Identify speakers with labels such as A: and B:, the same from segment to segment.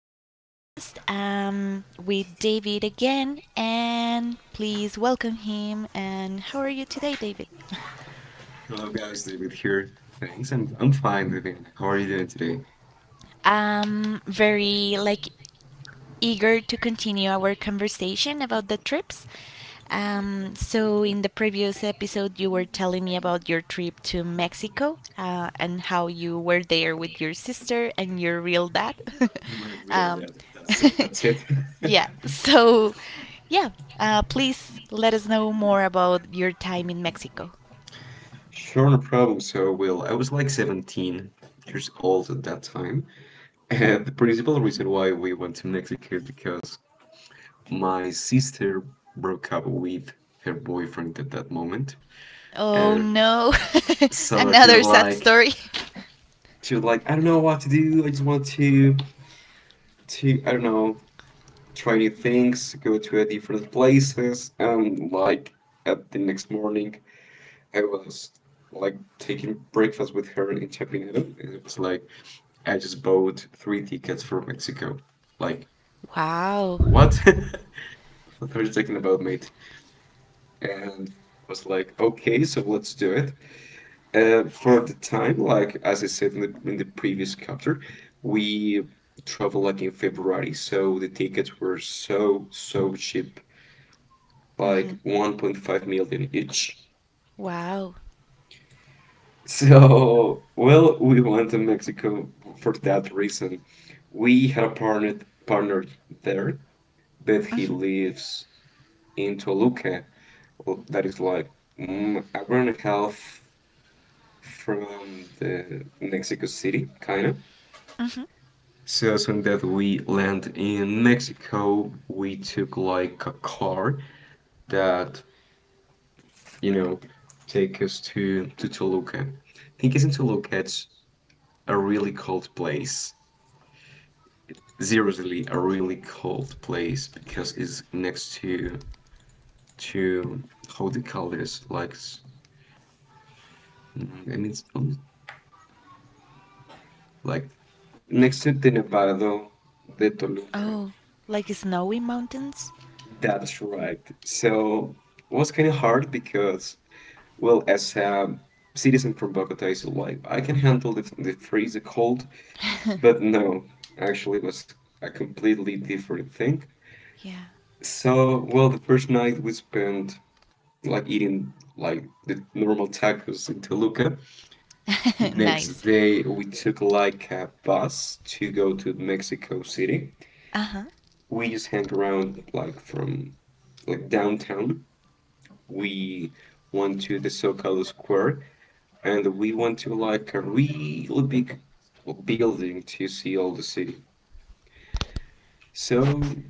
A: new podcast with David again, and please welcome him. And how are you today, David?
B: Hello guys, David here. Thanks, and I'm fine, Vivian. How are you doing today?
A: I'm very like eager to continue our conversation about the trips. So in the previous episode, you were telling me about your trip to Mexico and how you were there with your sister and your real dad.
B: My real
A: Um,
B: dad. That's it. That's it.
A: yeah, so. Yeah, please let us know more about your time in Mexico.
B: Sure, no problem. So, Will, I was like 17 years old at that time, and the principal reason why we went to Mexico is because my sister broke up with her boyfriend at that moment,
A: Oh
B: and
A: no,
B: so she was
A: another sad
B: like,
A: story.
B: I don't know what to do. I just want to, I don't know, try new things, go to different places, and like at the next morning, I was like taking breakfast with her in Chapinero, and it was like I just bought three tickets for Mexico. Like
A: Wow.
B: what? What are you talking about, mate? And was like, okay, so let's do it. For the time, like as I said in the previous chapter, we traveled like in February, so the tickets were so cheap like
A: Hmm.
B: 1.5 million each.
A: Wow.
B: So, well, we went to Mexico for that reason. We had a partner there, but he
A: Hmm.
B: lives in Toluca. Well, that is like an hour and a half from the Mexico City, kind of.
A: Hmm.
B: So, so that we land in Mexico, we took like a car that, you know, take us to Toluca. I think it's in Toluca, it's a really cold place. Seriously, a really cold place because it's next to how they call this, like I mean it's like next to the Nevado de Toluca.
A: Oh, like snowy mountains?
B: That's right. So it was kind of hard because, well, as a citizen from Bogota, is like I can handle the freeze, the cold, but no, actually it was a completely different thing.
A: Yeah.
B: So, well, the first night we spent like eating like the normal tacos in Toluca. Next
A: Nice.
B: day we took like a bus to go to Mexico City.
A: Uh huh.
B: We just hang around like from like downtown. We went to the Zocalo Square and we went to like a really big building to see all the city. So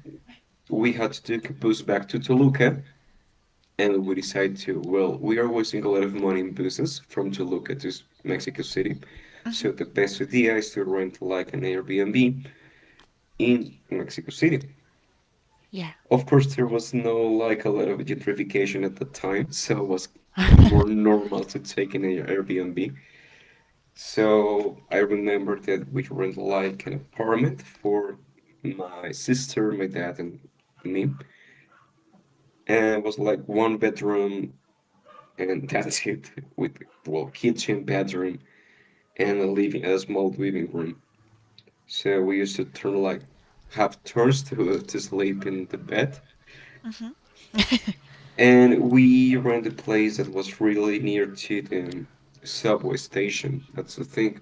B: we had to take a bus back to Toluca and we decided to, well, we are wasting a lot of money in buses from Toluca to Mexico City.
A: Hmm.
B: So the best idea is to rent like an Airbnb in Mexico City.
A: Yeah.
B: Of course, there was no like a lot of gentrification at the time, so it was more normal to take an Airbnb. So I remember that we rented like an apartment for my sister, my dad, and me, and it was like one bedroom, and that's it, with, well, kitchen, bedroom, and a living, a small living room. So we used to turn like have turns to sleep in the bed,
A: Hmm.
B: and we rented a place that was really near to the subway station. That's the thing.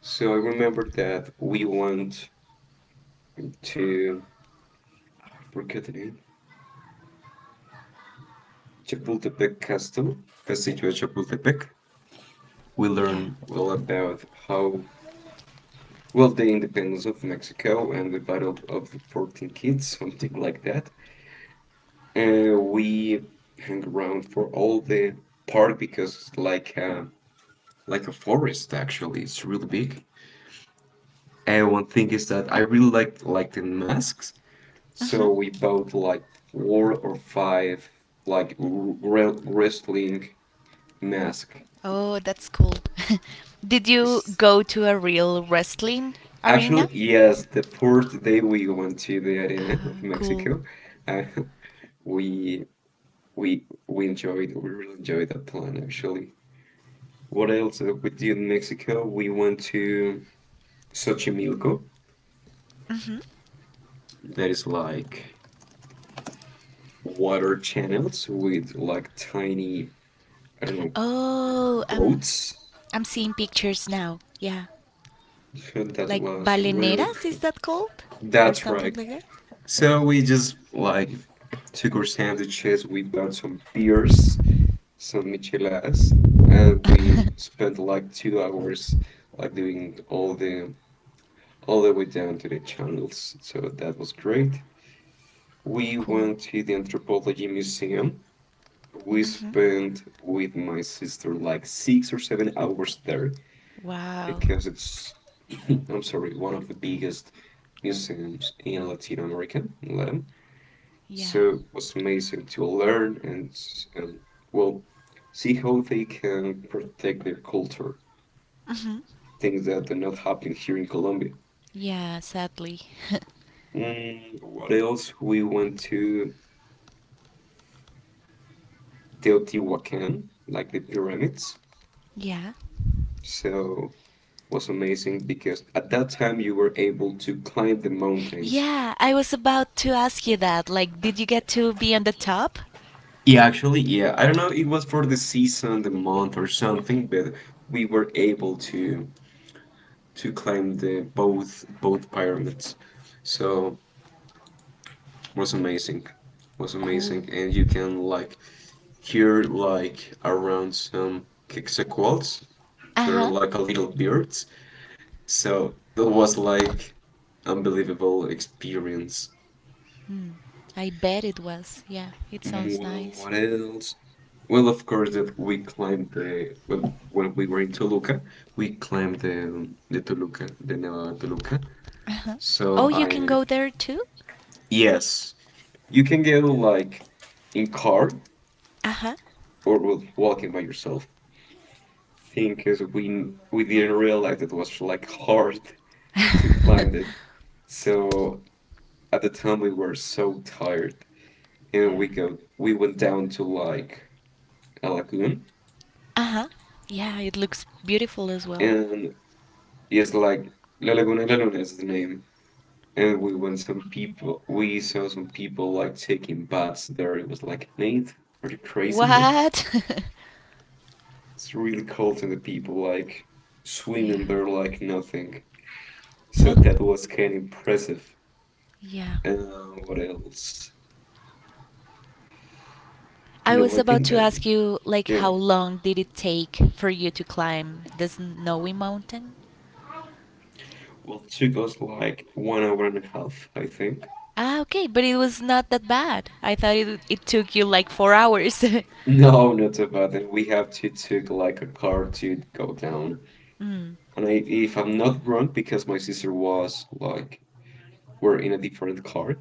B: So I remember that we went to, I forget the name, Chapultepec Castle, Castillo de Chapultepec. We
A: Yeah.
B: learned well about how, well, the independence of Mexico and the Battle of the Fourteen Kids, something like that. We hang around for all the park because it's like a forest actually. It's really big. And one thing is that I really like the masks. So
A: Hmm.
B: we bought like four or five like wrestling mask.
A: Oh, that's cool. Did you
B: It's
A: go to a real wrestling arena?
B: actually yes, the first day we went to the arena of
A: Cool.
B: Mexico, uh, we we really enjoyed that plan actually. What else we did in Mexico? We went to Xochimilco.
A: Hmm.
B: That is like water channels with like tiny, I don't know,
A: Oh,
B: boats.
A: I'm seeing pictures now. Yeah.
B: So that
A: Like
B: was really
A: baleneras, is
B: cool.
A: that called, or
B: That's
A: something
B: right.
A: like that?
B: So we just like took our sandwiches, we bought some beers, some micheladas, and we spent like 2 hours like doing all the way down to the channels. So that was great. We
A: Cool.
B: went to the Anthropology Museum. We
A: Hmm.
B: spent with my sister like 6 or 7 hours there
A: Wow.
B: because it's, I'm sorry, one of the biggest museums in Latin America, in Latin.
A: Yeah.
B: So it was amazing to learn and, well, see how they can protect their culture,
A: Hmm.
B: things that are not happening here in Colombia.
A: Yeah, sadly.
B: Mm, what else? We went to Teotihuacan, like the pyramids.
A: Yeah.
B: So was amazing because at that time you were able to climb the mountains.
A: Yeah, I was about to ask you that, like, did you get to be on the top?
B: Yeah, actually, yeah, I don't know, it was for the season, the month or something, but we were able to climb the both pyramids. So was amazing. Was
A: Cool.
B: amazing. And you can like hear like around some quetzalcoatls. They're
A: Uh-huh.
B: like a little birds. So that was like unbelievable experience.
A: Hmm. I bet it was. Yeah, it sounds
B: Well,
A: nice.
B: what else? Well, of course that we climbed the, when we were in Toluca, we climbed the Toluca, the Nevada Toluca.
A: Uh-huh.
B: So
A: Oh, you can
B: I,
A: go there too?
B: yes, you can get like in car
A: Uh-huh.
B: or with walking by yourself. Thing is, we didn't realize it was like hard to climb it. So at the time we were so tired, and
A: Yeah.
B: we went down to like a lagoon,
A: Uh-huh. Yeah, it looks beautiful as well.
B: and it's like La Laguna de La Luna is the name. And we went some people, we saw some people like taking baths there. It was like, Nate, are you crazy, Nate?
A: What?
B: It's really cold and the people like swimming
A: Yeah.
B: there like nothing. So
A: Huh?
B: that was kind of impressive.
A: Yeah.
B: And what else?
A: I
B: No,
A: was
B: I
A: about
B: think
A: to
B: that,
A: ask you, like,
B: yeah.
A: how long did it take for you to climb the snowy mountain?
B: Well, it took us like 1 hour and a half, I think.
A: Ah, okay, but it was not that bad. I thought it took you like 4 hours.
B: No, not so bad. And we have to took like a car to go down.
A: Mm.
B: And I, if I'm not wrong, because my sister was like were in a different car.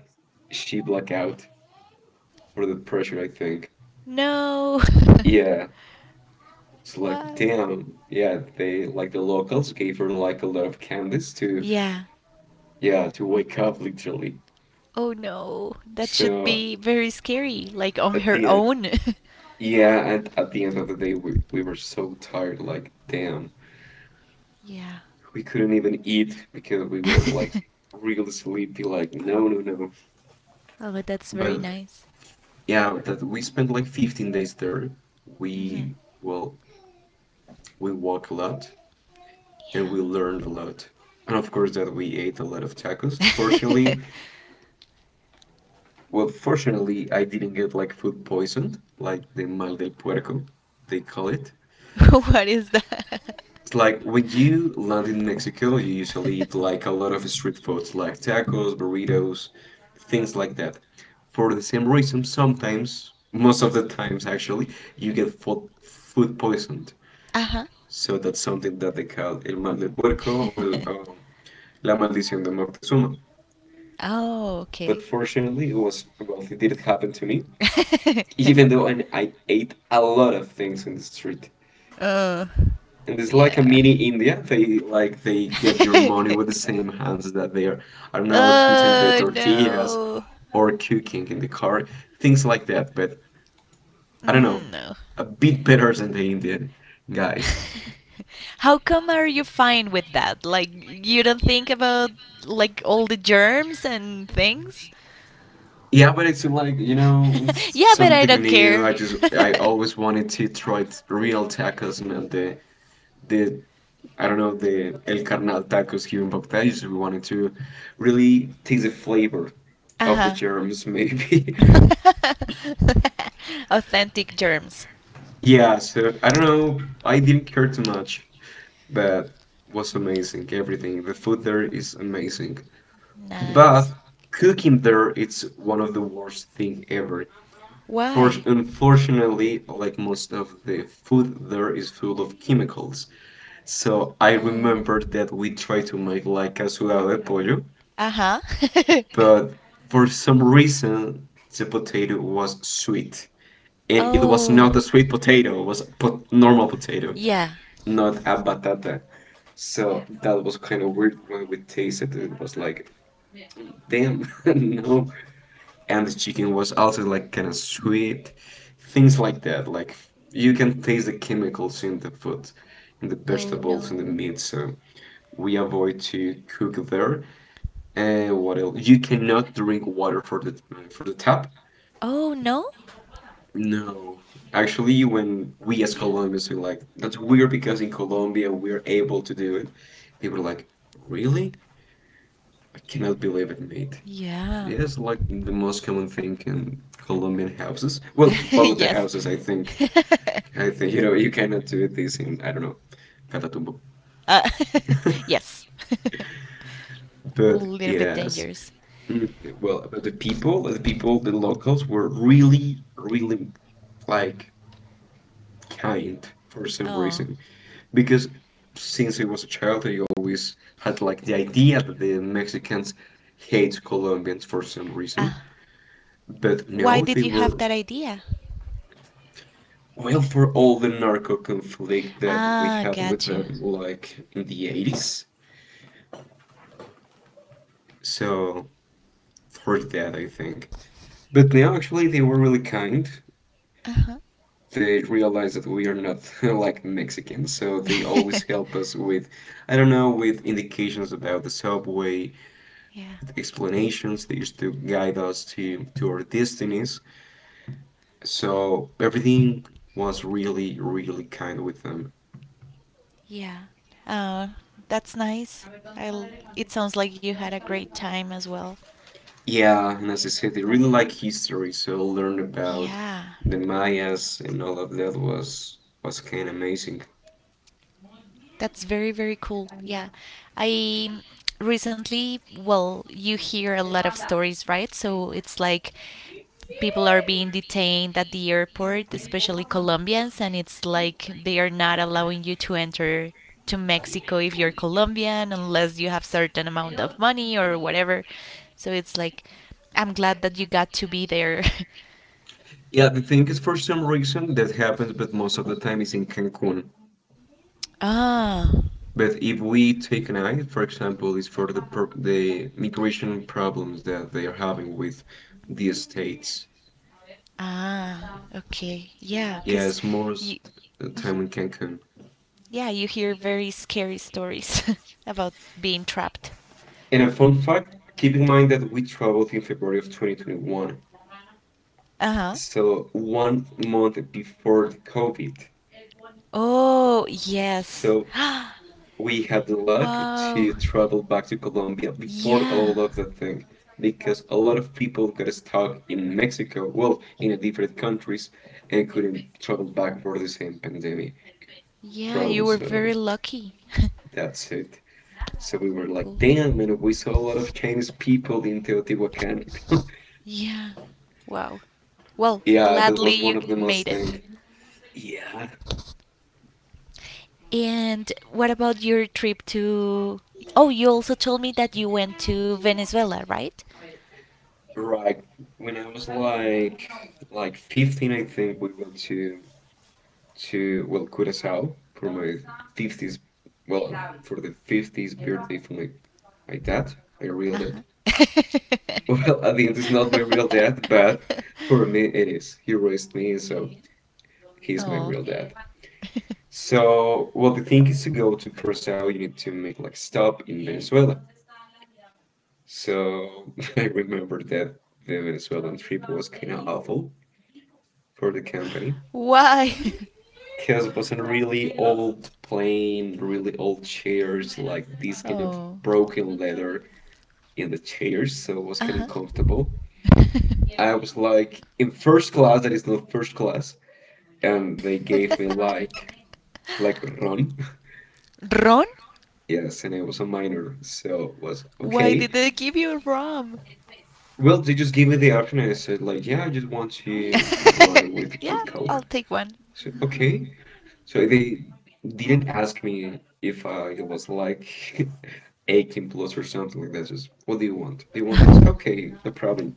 B: She blacked out for the pressure, I think.
A: No.
B: Yeah, it's like
A: Why?
B: damn. Yeah, they like the locals gave her like a lot of candies to,
A: Yeah.
B: yeah, to wake up literally.
A: Oh no, that should
B: So
A: be very scary, like on
B: at
A: her
B: the end,
A: own.
B: yeah, and at the end of the day, we were so tired. Like damn,
A: Yeah.
B: we couldn't even eat because we were like really sleepy. Like no, no, no.
A: Oh, but that's very
B: But
A: nice.
B: yeah, that we spent like 15 days there.
A: Hmm.
B: We, well, we walk a lot, and we learned a lot. And of course that we ate a lot of tacos.
A: Yeah.
B: Fortunately, well, fortunately, I didn't get like food poisoned, like the mal del puerco, they call it.
A: What is that?
B: It's like when you land in Mexico, you usually eat like a lot of street foods, like tacos, burritos, things like that. For the same reason, sometimes, most of the times actually, you get food poisoned.
A: Uh huh.
B: So that's something that they call el mal del puerco or la maldición de Moctezuma.
A: Oh,
B: But
A: okay.
B: fortunately, it was, well, it didn't happen to me, even though I ate a lot of things in the street.
A: uh,
B: And it's like a
A: yeah.
B: mini India. They like they get your money with the same hands that they are now twisting the
A: Oh
B: tortillas
A: no.
B: or cooking in the car, things like that. But I don't know,
A: Mm, no.
B: a bit better than the Indian guys.
A: How come are you fine with that? Like you don't think about like all the germs and things?
B: Yeah, but it's like, it's
A: Yeah, but I
B: something
A: don't
B: new.
A: care.
B: I always wanted to try real tacos, not the the I don't know, the El Carnal tacos here in Bogota. So we wanted to really taste the flavor of the
A: Uh-huh.
B: germs, maybe.
A: Authentic germs.
B: Yeah, so I don't know. I didn't care too much, but was amazing. Everything. The food there is amazing.
A: Nice.
B: But cooking there, it's one of the worst thing ever. For,
A: Why?
B: unfortunately, like most of the food there is full of chemicals. So I
A: Oh.
B: remember that we tried to make like a sudado de pollo,
A: Uh-huh.
B: but for some reason the potato was sweet. And it was
A: Oh.
B: not a sweet potato, it was a normal potato,
A: Yeah.
B: not a batata. So that was kind of weird when we tasted it. It was like damn. No. And the chicken was also like kind of sweet, things like that. Like you can taste the chemicals in the food, in the
A: Oh
B: vegetables, in the
A: no.
B: meat. So we avoid to cook there. And what else? You cannot drink water for the tap.
A: Oh no?
B: No. Actually, when we as Colombians are like, that's weird because in Colombia we're able to do it, people are like, really? I cannot believe it, mate.
A: Yeah.
B: It is like the most common thing in Colombian houses. Well, Bogota
A: Yes.
B: houses, I think. I think, you know, you cannot do this in, I don't know, Catatumbo.
A: uh, yes. A
B: But
A: little bit
B: yes.
A: dangerous.
B: Mm, well, about the people, the locals were really, really like kind for some
A: Oh.
B: reason. Because since I was a child, I always had like the idea that the Mexicans hate Colombians for some reason.
A: Ah,
B: But
A: why
B: no,
A: did
B: they
A: you have
B: were,
A: that idea?
B: well, for all the narco conflict that we
A: Ah,
B: had with
A: got you.
B: them, like in the 80s. So for that, I think. But now, actually, they were really kind.
A: Uh-huh.
B: They realized that we are not like Mexicans, so they always help us with, I don't know, with indications about the subway
A: Yeah.
B: explanations. They used to guide us to our destinies. So everything was really kind with them.
A: Yeah. Oh, that's nice. It sounds like you had a great time as well.
B: Yeah, and as I said, they really like history, so learn about
A: Yeah,
B: the Mayas and all of that was kind of amazing.
A: that's very, very cool. Yeah. I recently, well, you hear a lot of stories, right? So it's like people are being detained at the airport, especially Colombians, and it's like they are not allowing you to enter to Mexico if you're Colombian unless you have certain amount of money or whatever. So it's like I'm glad that you got to be there.
B: Yeah, the thing is, for some reason, that happens, but most of the time is in Cancun.
A: Ah.
B: But if we take an eye, for example, is for the migration problems that they are having with the states.
A: Ah, okay. Yeah, cuz
B: Yes, it's more
A: you
B: time in Cancun.
A: yeah, you hear very scary stories about being trapped.
B: And a fun fact, keep in mind that we traveled in February of 2021,
A: Uh-huh.
B: so 1 month before the COVID.
A: Oh, yes.
B: So we had the luck
A: Wow.
B: to travel back to Colombia before
A: Yeah.
B: all of the thing, because a lot of people got stuck in Mexico, well, in different countries, and couldn't travel back for the same pandemic
A: Yeah, you
B: problem.
A: were
B: So
A: very lucky.
B: that's it. So we were like,
A: Cool.
B: damn, and we saw a lot of Chinese people in Teotihuacan.
A: Yeah. Wow. Well,
B: Yeah, that
A: gladly
B: was
A: you
B: one of the
A: made
B: most
A: it.
B: things. Yeah,
A: And what about your trip to? Oh, you also told me that you went to Venezuela, right?
B: right. When I was like 15, I think we went to well Curacao for my 50s. Well, for the 50th birthday for my dad, my real dad. Well, at the end, it's not my real dad, but for me, it is. He raised me, so he's my
A: Oh,
B: real dad. So, well, the thing is to go to Curacao, you need to make like stop in Venezuela. So I remember that the Venezuelan trip was kind of awful for the company
A: why?
B: because it was a really old plane, really old chairs, like this kind of
A: Oh,
B: broken leather in the chairs, so it was
A: uh
B: kind
A: huh.
B: of uncomfortable. I was like in first class, that is not first class, and they gave me like rum.
A: Ron?
B: Yes, and I was a minor, so it was
A: Why
B: okay.
A: did they give you rum?
B: Well, they just gave me the option, and I said like, yeah, I just want to run with
A: Yeah,
B: with coke.
A: I'll take one.
B: So okay, so they didn't ask me if I was like 18 plus or something like that. Just what do you want? Do you want this? Okay, no problem.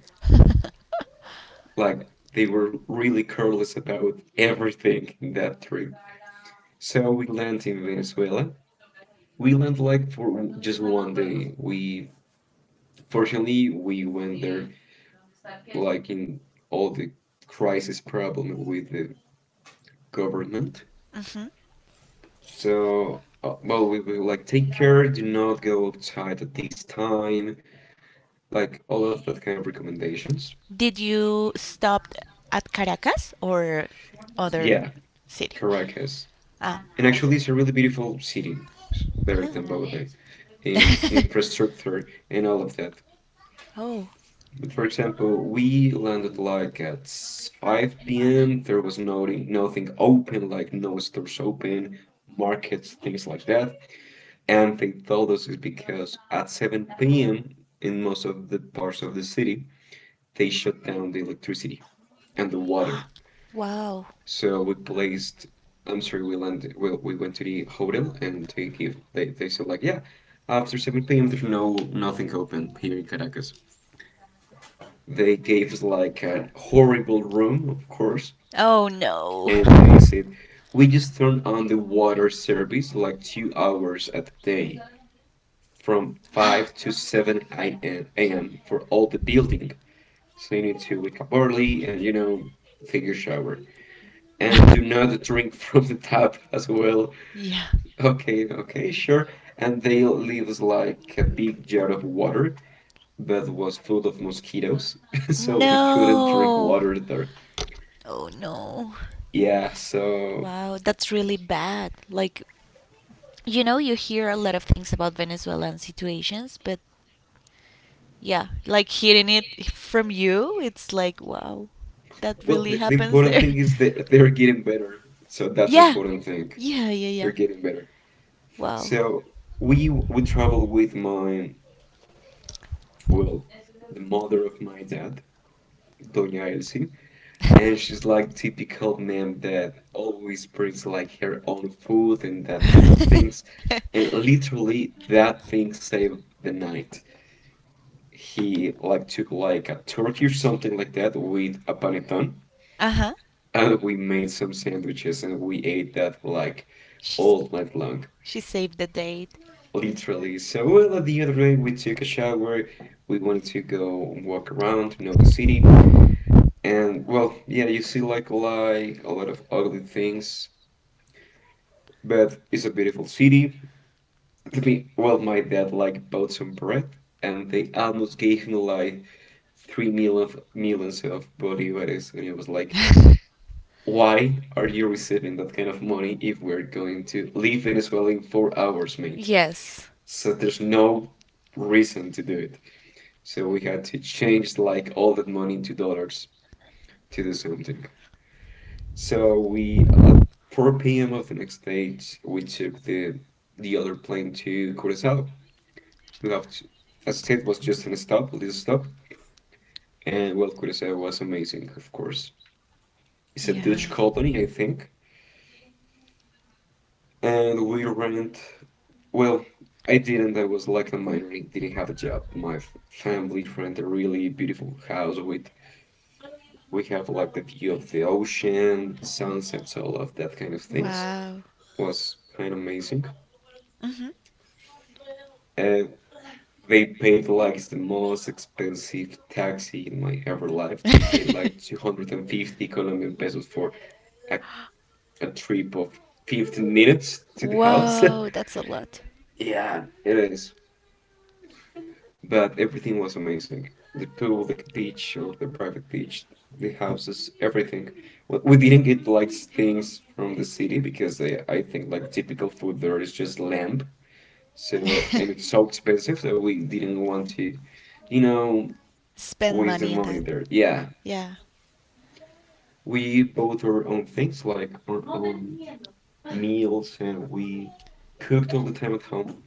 B: Like they were really careless about everything in that trip. So we land in Venezuela. We land like for just one day. We Fortunately, we went there like in all the crisis problem with the government.
A: Mhm.
B: So, well, we were like, take care, do not go outside at this time, like all of that kind of recommendations.
A: Did you stop at Caracas or other
B: Yeah,
A: city?
B: Caracas.
A: Ah.
B: And actually, it's a really beautiful city. It's better
A: Huh.
B: than Bogota, in infrastructure and all of that.
A: Oh.
B: But for example, we landed like at 5 p.m. There was nothing, nothing open, like no stores open, markets, things like that. And they told us it's because at 7 p.m. in most of the parts of the city, they shut down the electricity and the water.
A: Wow.
B: So we placed, I'm sorry, we landed, well, we went to the hotel and they said like, yeah, after 7 p.m. there's no, nothing open here in Caracas. They gave us like a horrible room, of course,
A: Oh no.
B: and they said we just turn on the water service like 2 hours a day from 5 to 7 a.m. for all the building. So you need to wake up early and you know take your shower and do not drink from the tap as well.
A: Yeah.
B: Okay, okay, sure. And they leave us like a big jar of water that was full of mosquitoes, so we couldn't drink
A: No.
B: water there.
A: Oh no.
B: Yeah, so
A: Wow, that's really bad. Like, you know, you hear a lot of things about Venezuelan situations, but yeah, like hearing it from you, it's like, wow, that
B: well,
A: really
B: the
A: happens
B: important
A: there.
B: thing is that they're getting better. So that's the
A: Yeah,
B: important thing.
A: yeah, yeah, yeah.
B: They're getting better.
A: Wow.
B: So we travel with my well, the mother of my dad, Doña Elsie, and she's like typical mom that always brings like her own food and that kind of things. And literally that thing saved the night. He like took like a turkey or something like that with a panettone.
A: Uh huh.
B: And we made some sandwiches and we ate that for like
A: She,
B: all night long,
A: she saved the date.
B: literally. So, well, at the end of the day, we took a shower. We wanted to go and walk around to know the city. And, well, yeah, you see like a lot of ugly things, but it's a beautiful city. To me, well, my dad like bought some bread and they almost gave him like 3 million, millions of bolivares. And it was like, why are you receiving that kind of money if we're going to leave Venezuela in 4 hours, mate?
A: Yes.
B: So there's no reason to do it. So we had to change like all that money into dollars to do something. So we at 4 p.m. of the next day, we took the other plane to Curacao. We have to, as it was just an stop, a little stop, and well, Curacao was amazing, of course. It's a Dutch
A: Yeah.
B: colony, I think, and we rent. Well, I didn't. I was like a minor, didn't have a job. My f- family rent a really beautiful house with we have like the view of the ocean, sunsets, all of that kind of things.
A: Wow.
B: Was kind of amazing.
A: Mhm.
B: Uh, they paid like the most expensive taxi in my ever life. They paid like 250 Colombian pesos for a, a trip of 15 minutes to the house.
A: Whoa, that's a lot.
B: Yeah, it is. But everything was amazing. The pool, the beach, or the private beach, the houses, everything. We didn't get like things from the city because they, I think like typical food there is just lamb. So, and it's so expensive that we didn't want to, you know,
A: Spend
B: waste the
A: money on
B: money
A: that.
B: there. Yeah,
A: Yeah.
B: we bought our own things like our own meals and we cooked all the time at home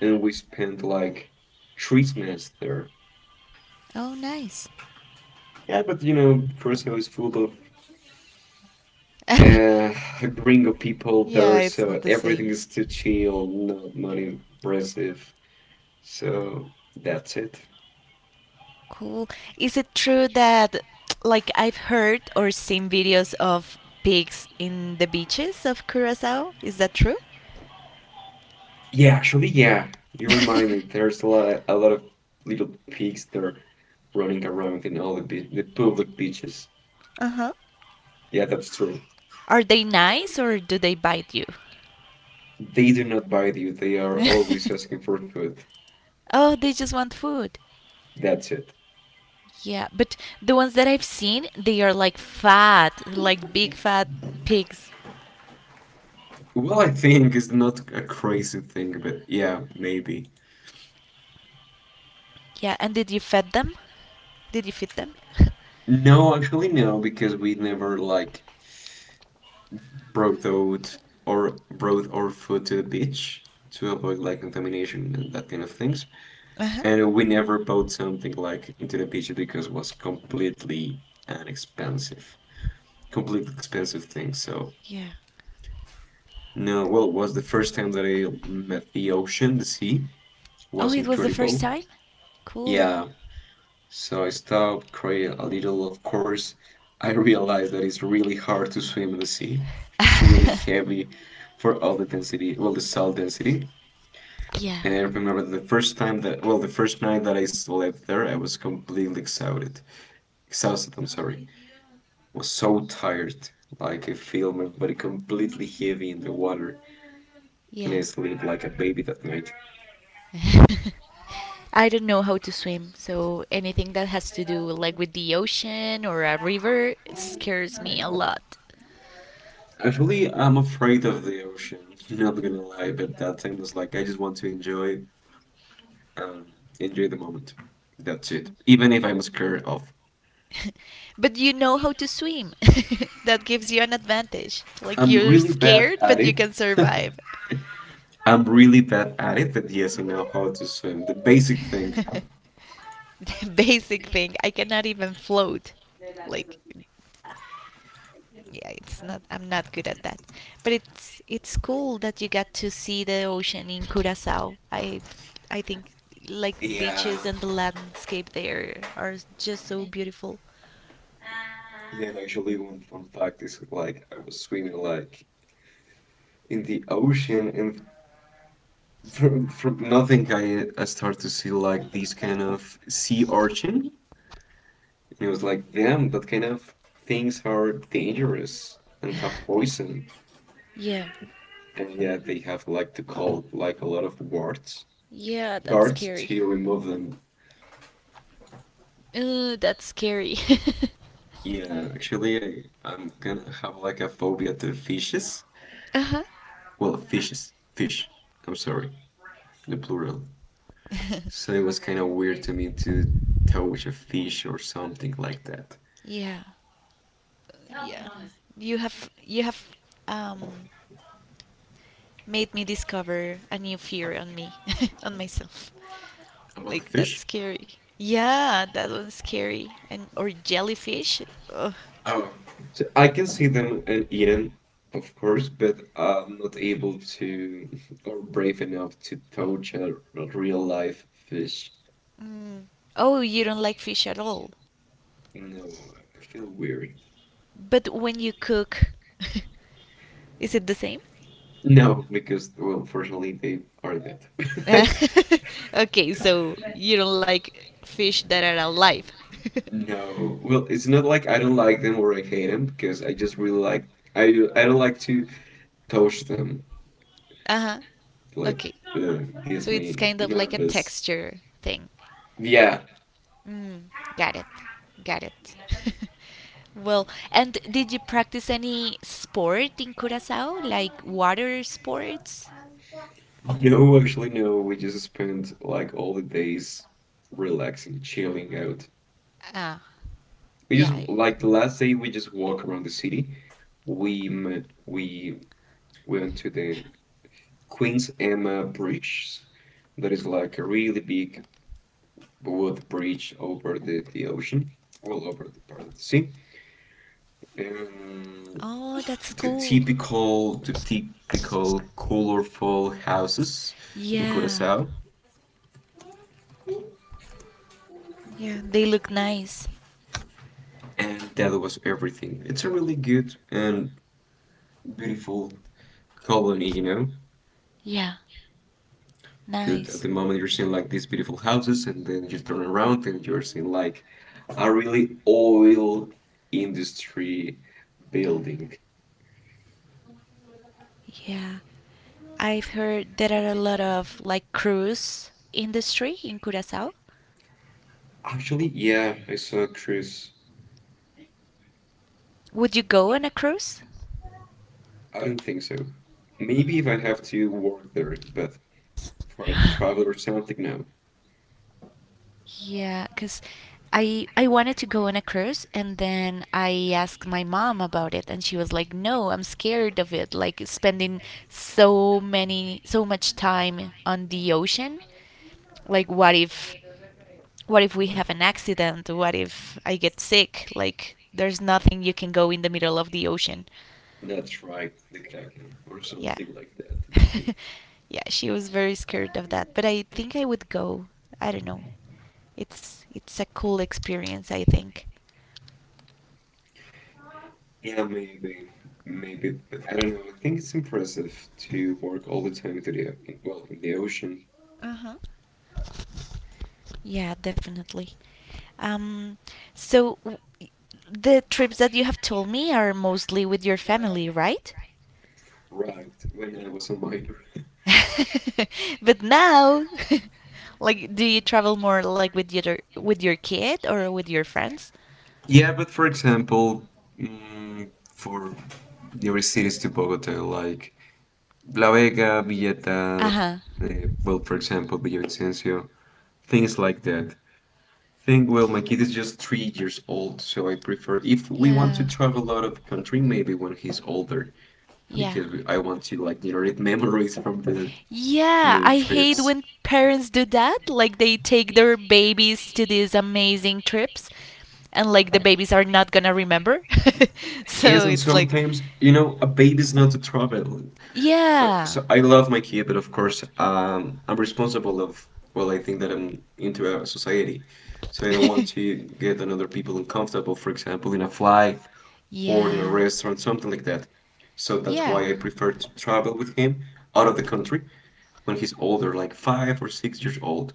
B: and we spent like 3 months there.
A: Oh, nice.
B: Yeah, but you know, Curacao is full of uh, gringo people
A: Yeah,
B: there,
A: it's not
B: so
A: the
B: everything
A: same.
B: is too chill, no, not money impressive. So that's it.
A: Cool. Is it true that, like, I've heard or seen videos of pigs in the beaches of Curacao? Is that true?
B: Yeah, actually, yeah, you remind me. There's a lot, of, a lot of little pigs there running around in all the the public beaches.
A: Uh huh.
B: Yeah, that's true.
A: Are they nice or do they bite you?
B: They do not bite you. They are always asking for food.
A: Oh, they just want food.
B: That's it.
A: Yeah, but the ones that I've seen, they are like fat, like big fat pigs.
B: Well, I think it's not a crazy thing, but yeah, maybe.
A: Yeah, and did you feed them? Did you feed them?
B: No, actually, no, because we never like brought out or brought our food to the beach to avoid like contamination and that kind of things.
A: Uh-huh.
B: And we never bought something like into the beach because it was completely an expensive, completely expensive thing. So
A: Yeah.
B: no, well, it was the first time that I met the ocean, the sea. It was
A: Oh, it was the
B: incredible.
A: first time? Cool.
B: Yeah, so I stopped, cried a little, of course. I realized that it's really hard to swim in the sea. It's really heavy for all the density, well, the salt density.
A: Yeah.
B: And I remember the first time that, well, the first night that I slept there, I was completely exhausted. Exhausted, I'm sorry. I was so tired. Like I feel my body completely heavy in the water, and
A: Yeah.
B: I sleep like a baby that night.
A: I don't know how to swim, so anything that has to do like with the ocean or a river scares me a lot.
B: Actually, I'm afraid of the ocean. Not gonna lie, but that time was like I just want to enjoy, um, enjoy the moment. That's it. Even if I'm scared of,
A: But you know how to swim. That gives you an advantage. Like
B: I'm
A: you're
B: really bad
A: scared,
B: at
A: but you
B: it.
A: can survive.
B: I'm really bad at it, but yes, I know how to swim. The basic thing.
A: The basic thing, I cannot even float. Like yeah, it's not, I'm not good at that. But it's cool that you got to see the ocean in Curacao. I think like
B: Yeah,
A: beaches and the landscape there are just so beautiful.
B: yeah, and actually, one fun fact is like I was swimming like in the ocean, and from nothing, I started to see like this kind of sea urchin, and it was like, damn, that kind of things are dangerous and have poison,
A: Yeah.
B: and yeah, they have like to call like a lot of
A: Yeah, that's
B: guards
A: scary.
B: to remove them.
A: That's scary.
B: Yeah, actually, I'm gonna have like a phobia to fishes.
A: Uh-huh.
B: Well, fishes, fish. I'm sorry, the plural. So it was kind of weird to me to touch a fish or something like that.
A: Yeah. Yeah. You have um made me discover a new fear on me, on myself.
B: About the
A: Like
B: fish?
A: that's scary. Yeah, that one's scary. And or jellyfish. Ugh.
B: Oh, so I can see them and eat them, of course, but I'm not able to or brave enough to touch a real life fish.
A: Mm. Oh, you don't like fish at all.
B: No, I feel weird.
A: But when you cook, is it the same?
B: No, because, well, unfortunately, they are dead.
A: Okay, so you don't like fish that are alive.
B: No, well, it's not like I don't like them or I hate them because I just really like I I don't like to touch them.
A: Uh huh.
B: Like
A: Okay.
B: uh, gives
A: So it's
B: me
A: kind of like a
B: nervous.
A: texture thing.
B: Yeah,
A: Mm, got it. Got it. Well, and did you practice any sport in Curacao, like water sports?
B: no, actually, no. We just spent like all the days relaxing, chilling out.
A: Ah,
B: We just
A: yeah.
B: like the last day we just walk around the city. We went to the Queen's Emma Bridge. That is like a really big wood bridge over the ocean, all over the part of the sea. Um,
A: Oh, that's
B: the
A: cool.
B: typical, the typical colorful houses in
A: Yeah.
B: Curacao.
A: Yeah, they look nice.
B: And that was everything. It's a really good and beautiful colony, you know?
A: Yeah,
B: Because at the
A: nice.
B: moment you're seeing like these beautiful houses, and then you turn around and you're seeing like a really oil industry building.
A: Yeah. I've heard there are a lot of like cruise industry in Curacao.
B: Actually, yeah, I saw a cruise.
A: Would you go on a cruise?
B: I don't think so. Maybe if I have to work there, but for a travel or something, no.
A: Yeah, because I wanted to go on a cruise and then I asked my mom about it and she was like, "No, I'm scared of it. Like spending so much time on the ocean. Like what if we have an accident? What if I get sick? Like there's nothing you can go in the middle of the ocean."
B: That's right, the Kraken or
A: Yeah.
B: something like that, maybe.
A: Yeah, she was very scared of that, but I think I would go. I don't know. It's a cool experience, I think.
B: Yeah, maybe, maybe, but I don't know. I think it's impressive to work all the time to the well in the ocean,
A: Uh-huh. Yeah, definitely. Um, so the trips that you have told me are mostly with your family, right?
B: right? When I was a minor.
A: But now, like, do you travel more like with your kid or with your friends?
B: Yeah, but for example, for nearest cities to Bogota, like La Vega, Villeta,
A: Uh-huh.
B: well, for example, Villavicencio, things like that. Think, well, my kid is just 3 years old, so I prefer if we want to
A: Yeah.
B: travel out of the country, maybe when he's older,
A: Yeah.
B: because I want to like generate memories from
A: Yeah,
B: the
A: I hate
B: trips.
A: when parents do that. Like they take their babies to these amazing trips and like the babies are not gonna remember.
B: Yes,
A: So
B: and
A: it's like,
B: sometimes you know a baby's not to travel.
A: yeah.
B: So I love my kid, but of course I'm responsible of well, I think that I'm into a society, so I don't want to get another people uncomfortable, for example, in a flight or in a
A: Yeah.
B: restaurant, something like that. So that's why
A: Yeah.
B: I prefer to travel with him out of the country when he's older, like 5 or 6 years old.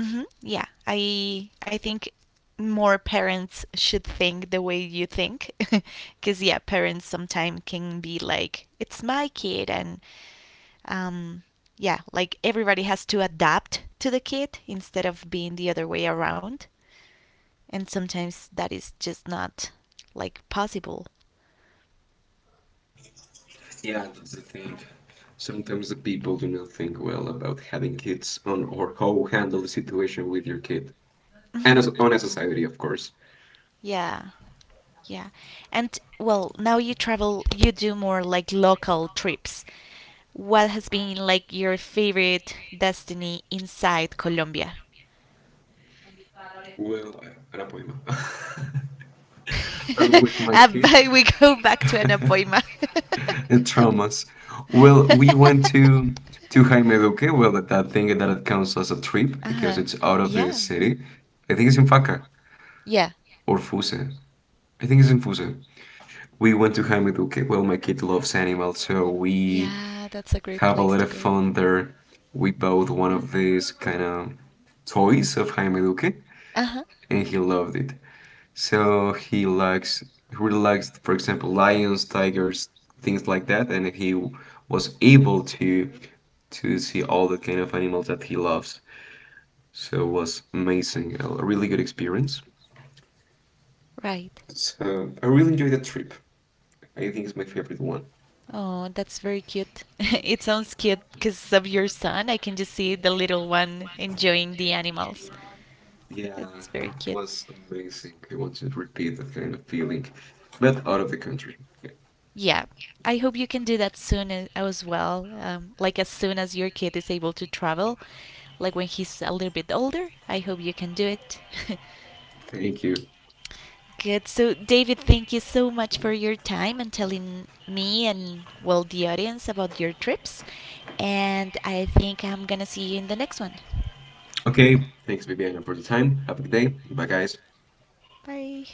A: Hmm. Yeah. I think more parents should think the way you think because yeah parents sometimes can be like it's my kid and um, yeah, like everybody has to adapt to the kid instead of being the other way around. And sometimes that is just not like possible.
B: Yeah, that's the thing. Sometimes the people do not think well about having kids on or how handle the situation with your kid. And
A: Hmm.
B: as on a society, of course.
A: Yeah, yeah. And well, now you travel, you do more like local trips. What has been like your favorite destiny inside Colombia?
B: Well, I- era and with my kid
A: But we go back to an appointment.
B: and traumas. Well, we went to Jaime Duque. Well, that thing that it counts as a trip because
A: Uh-huh.
B: it's out of the
A: Yeah.
B: city. I think it's in Faca
A: Yeah,
B: or Fuse. I think it's in Fuse. We went to Hamiduke. Well, my kid loves animals, so we
A: yeah, that's a great
B: have a
A: place
B: lot
A: to
B: of
A: go.
B: fun there. We bought one of these kind of toys of Hamiduke,
A: Uh huh.
B: and he loved it. So he likes, he really likes, for example, lions, tigers, things like that, and he was able to see all the kind of animals that he loves. So it was amazing, a really good experience.
A: Right.
B: So I really enjoyed that trip. I think it's my favorite one.
A: Oh, that's very cute. It sounds cute because of your son. I can just see the little one enjoying the animals.
B: Yeah,
A: That's very
B: it
A: cute.
B: was amazing. I want you to repeat that kind of feeling, but out of the country. Yeah.
A: Yeah. I hope you can do that soon as well. Like as soon as your kid is able to travel, like when he's a little bit older. I hope you can do it.
B: Thank you.
A: Good. So, David, thank you so much for your time and telling me and, well, the audience about your trips. And I think I'm going to see you in the next one.
B: Okay, thanks, Viviana, for the time. Have a good day. Bye, guys.
A: Bye.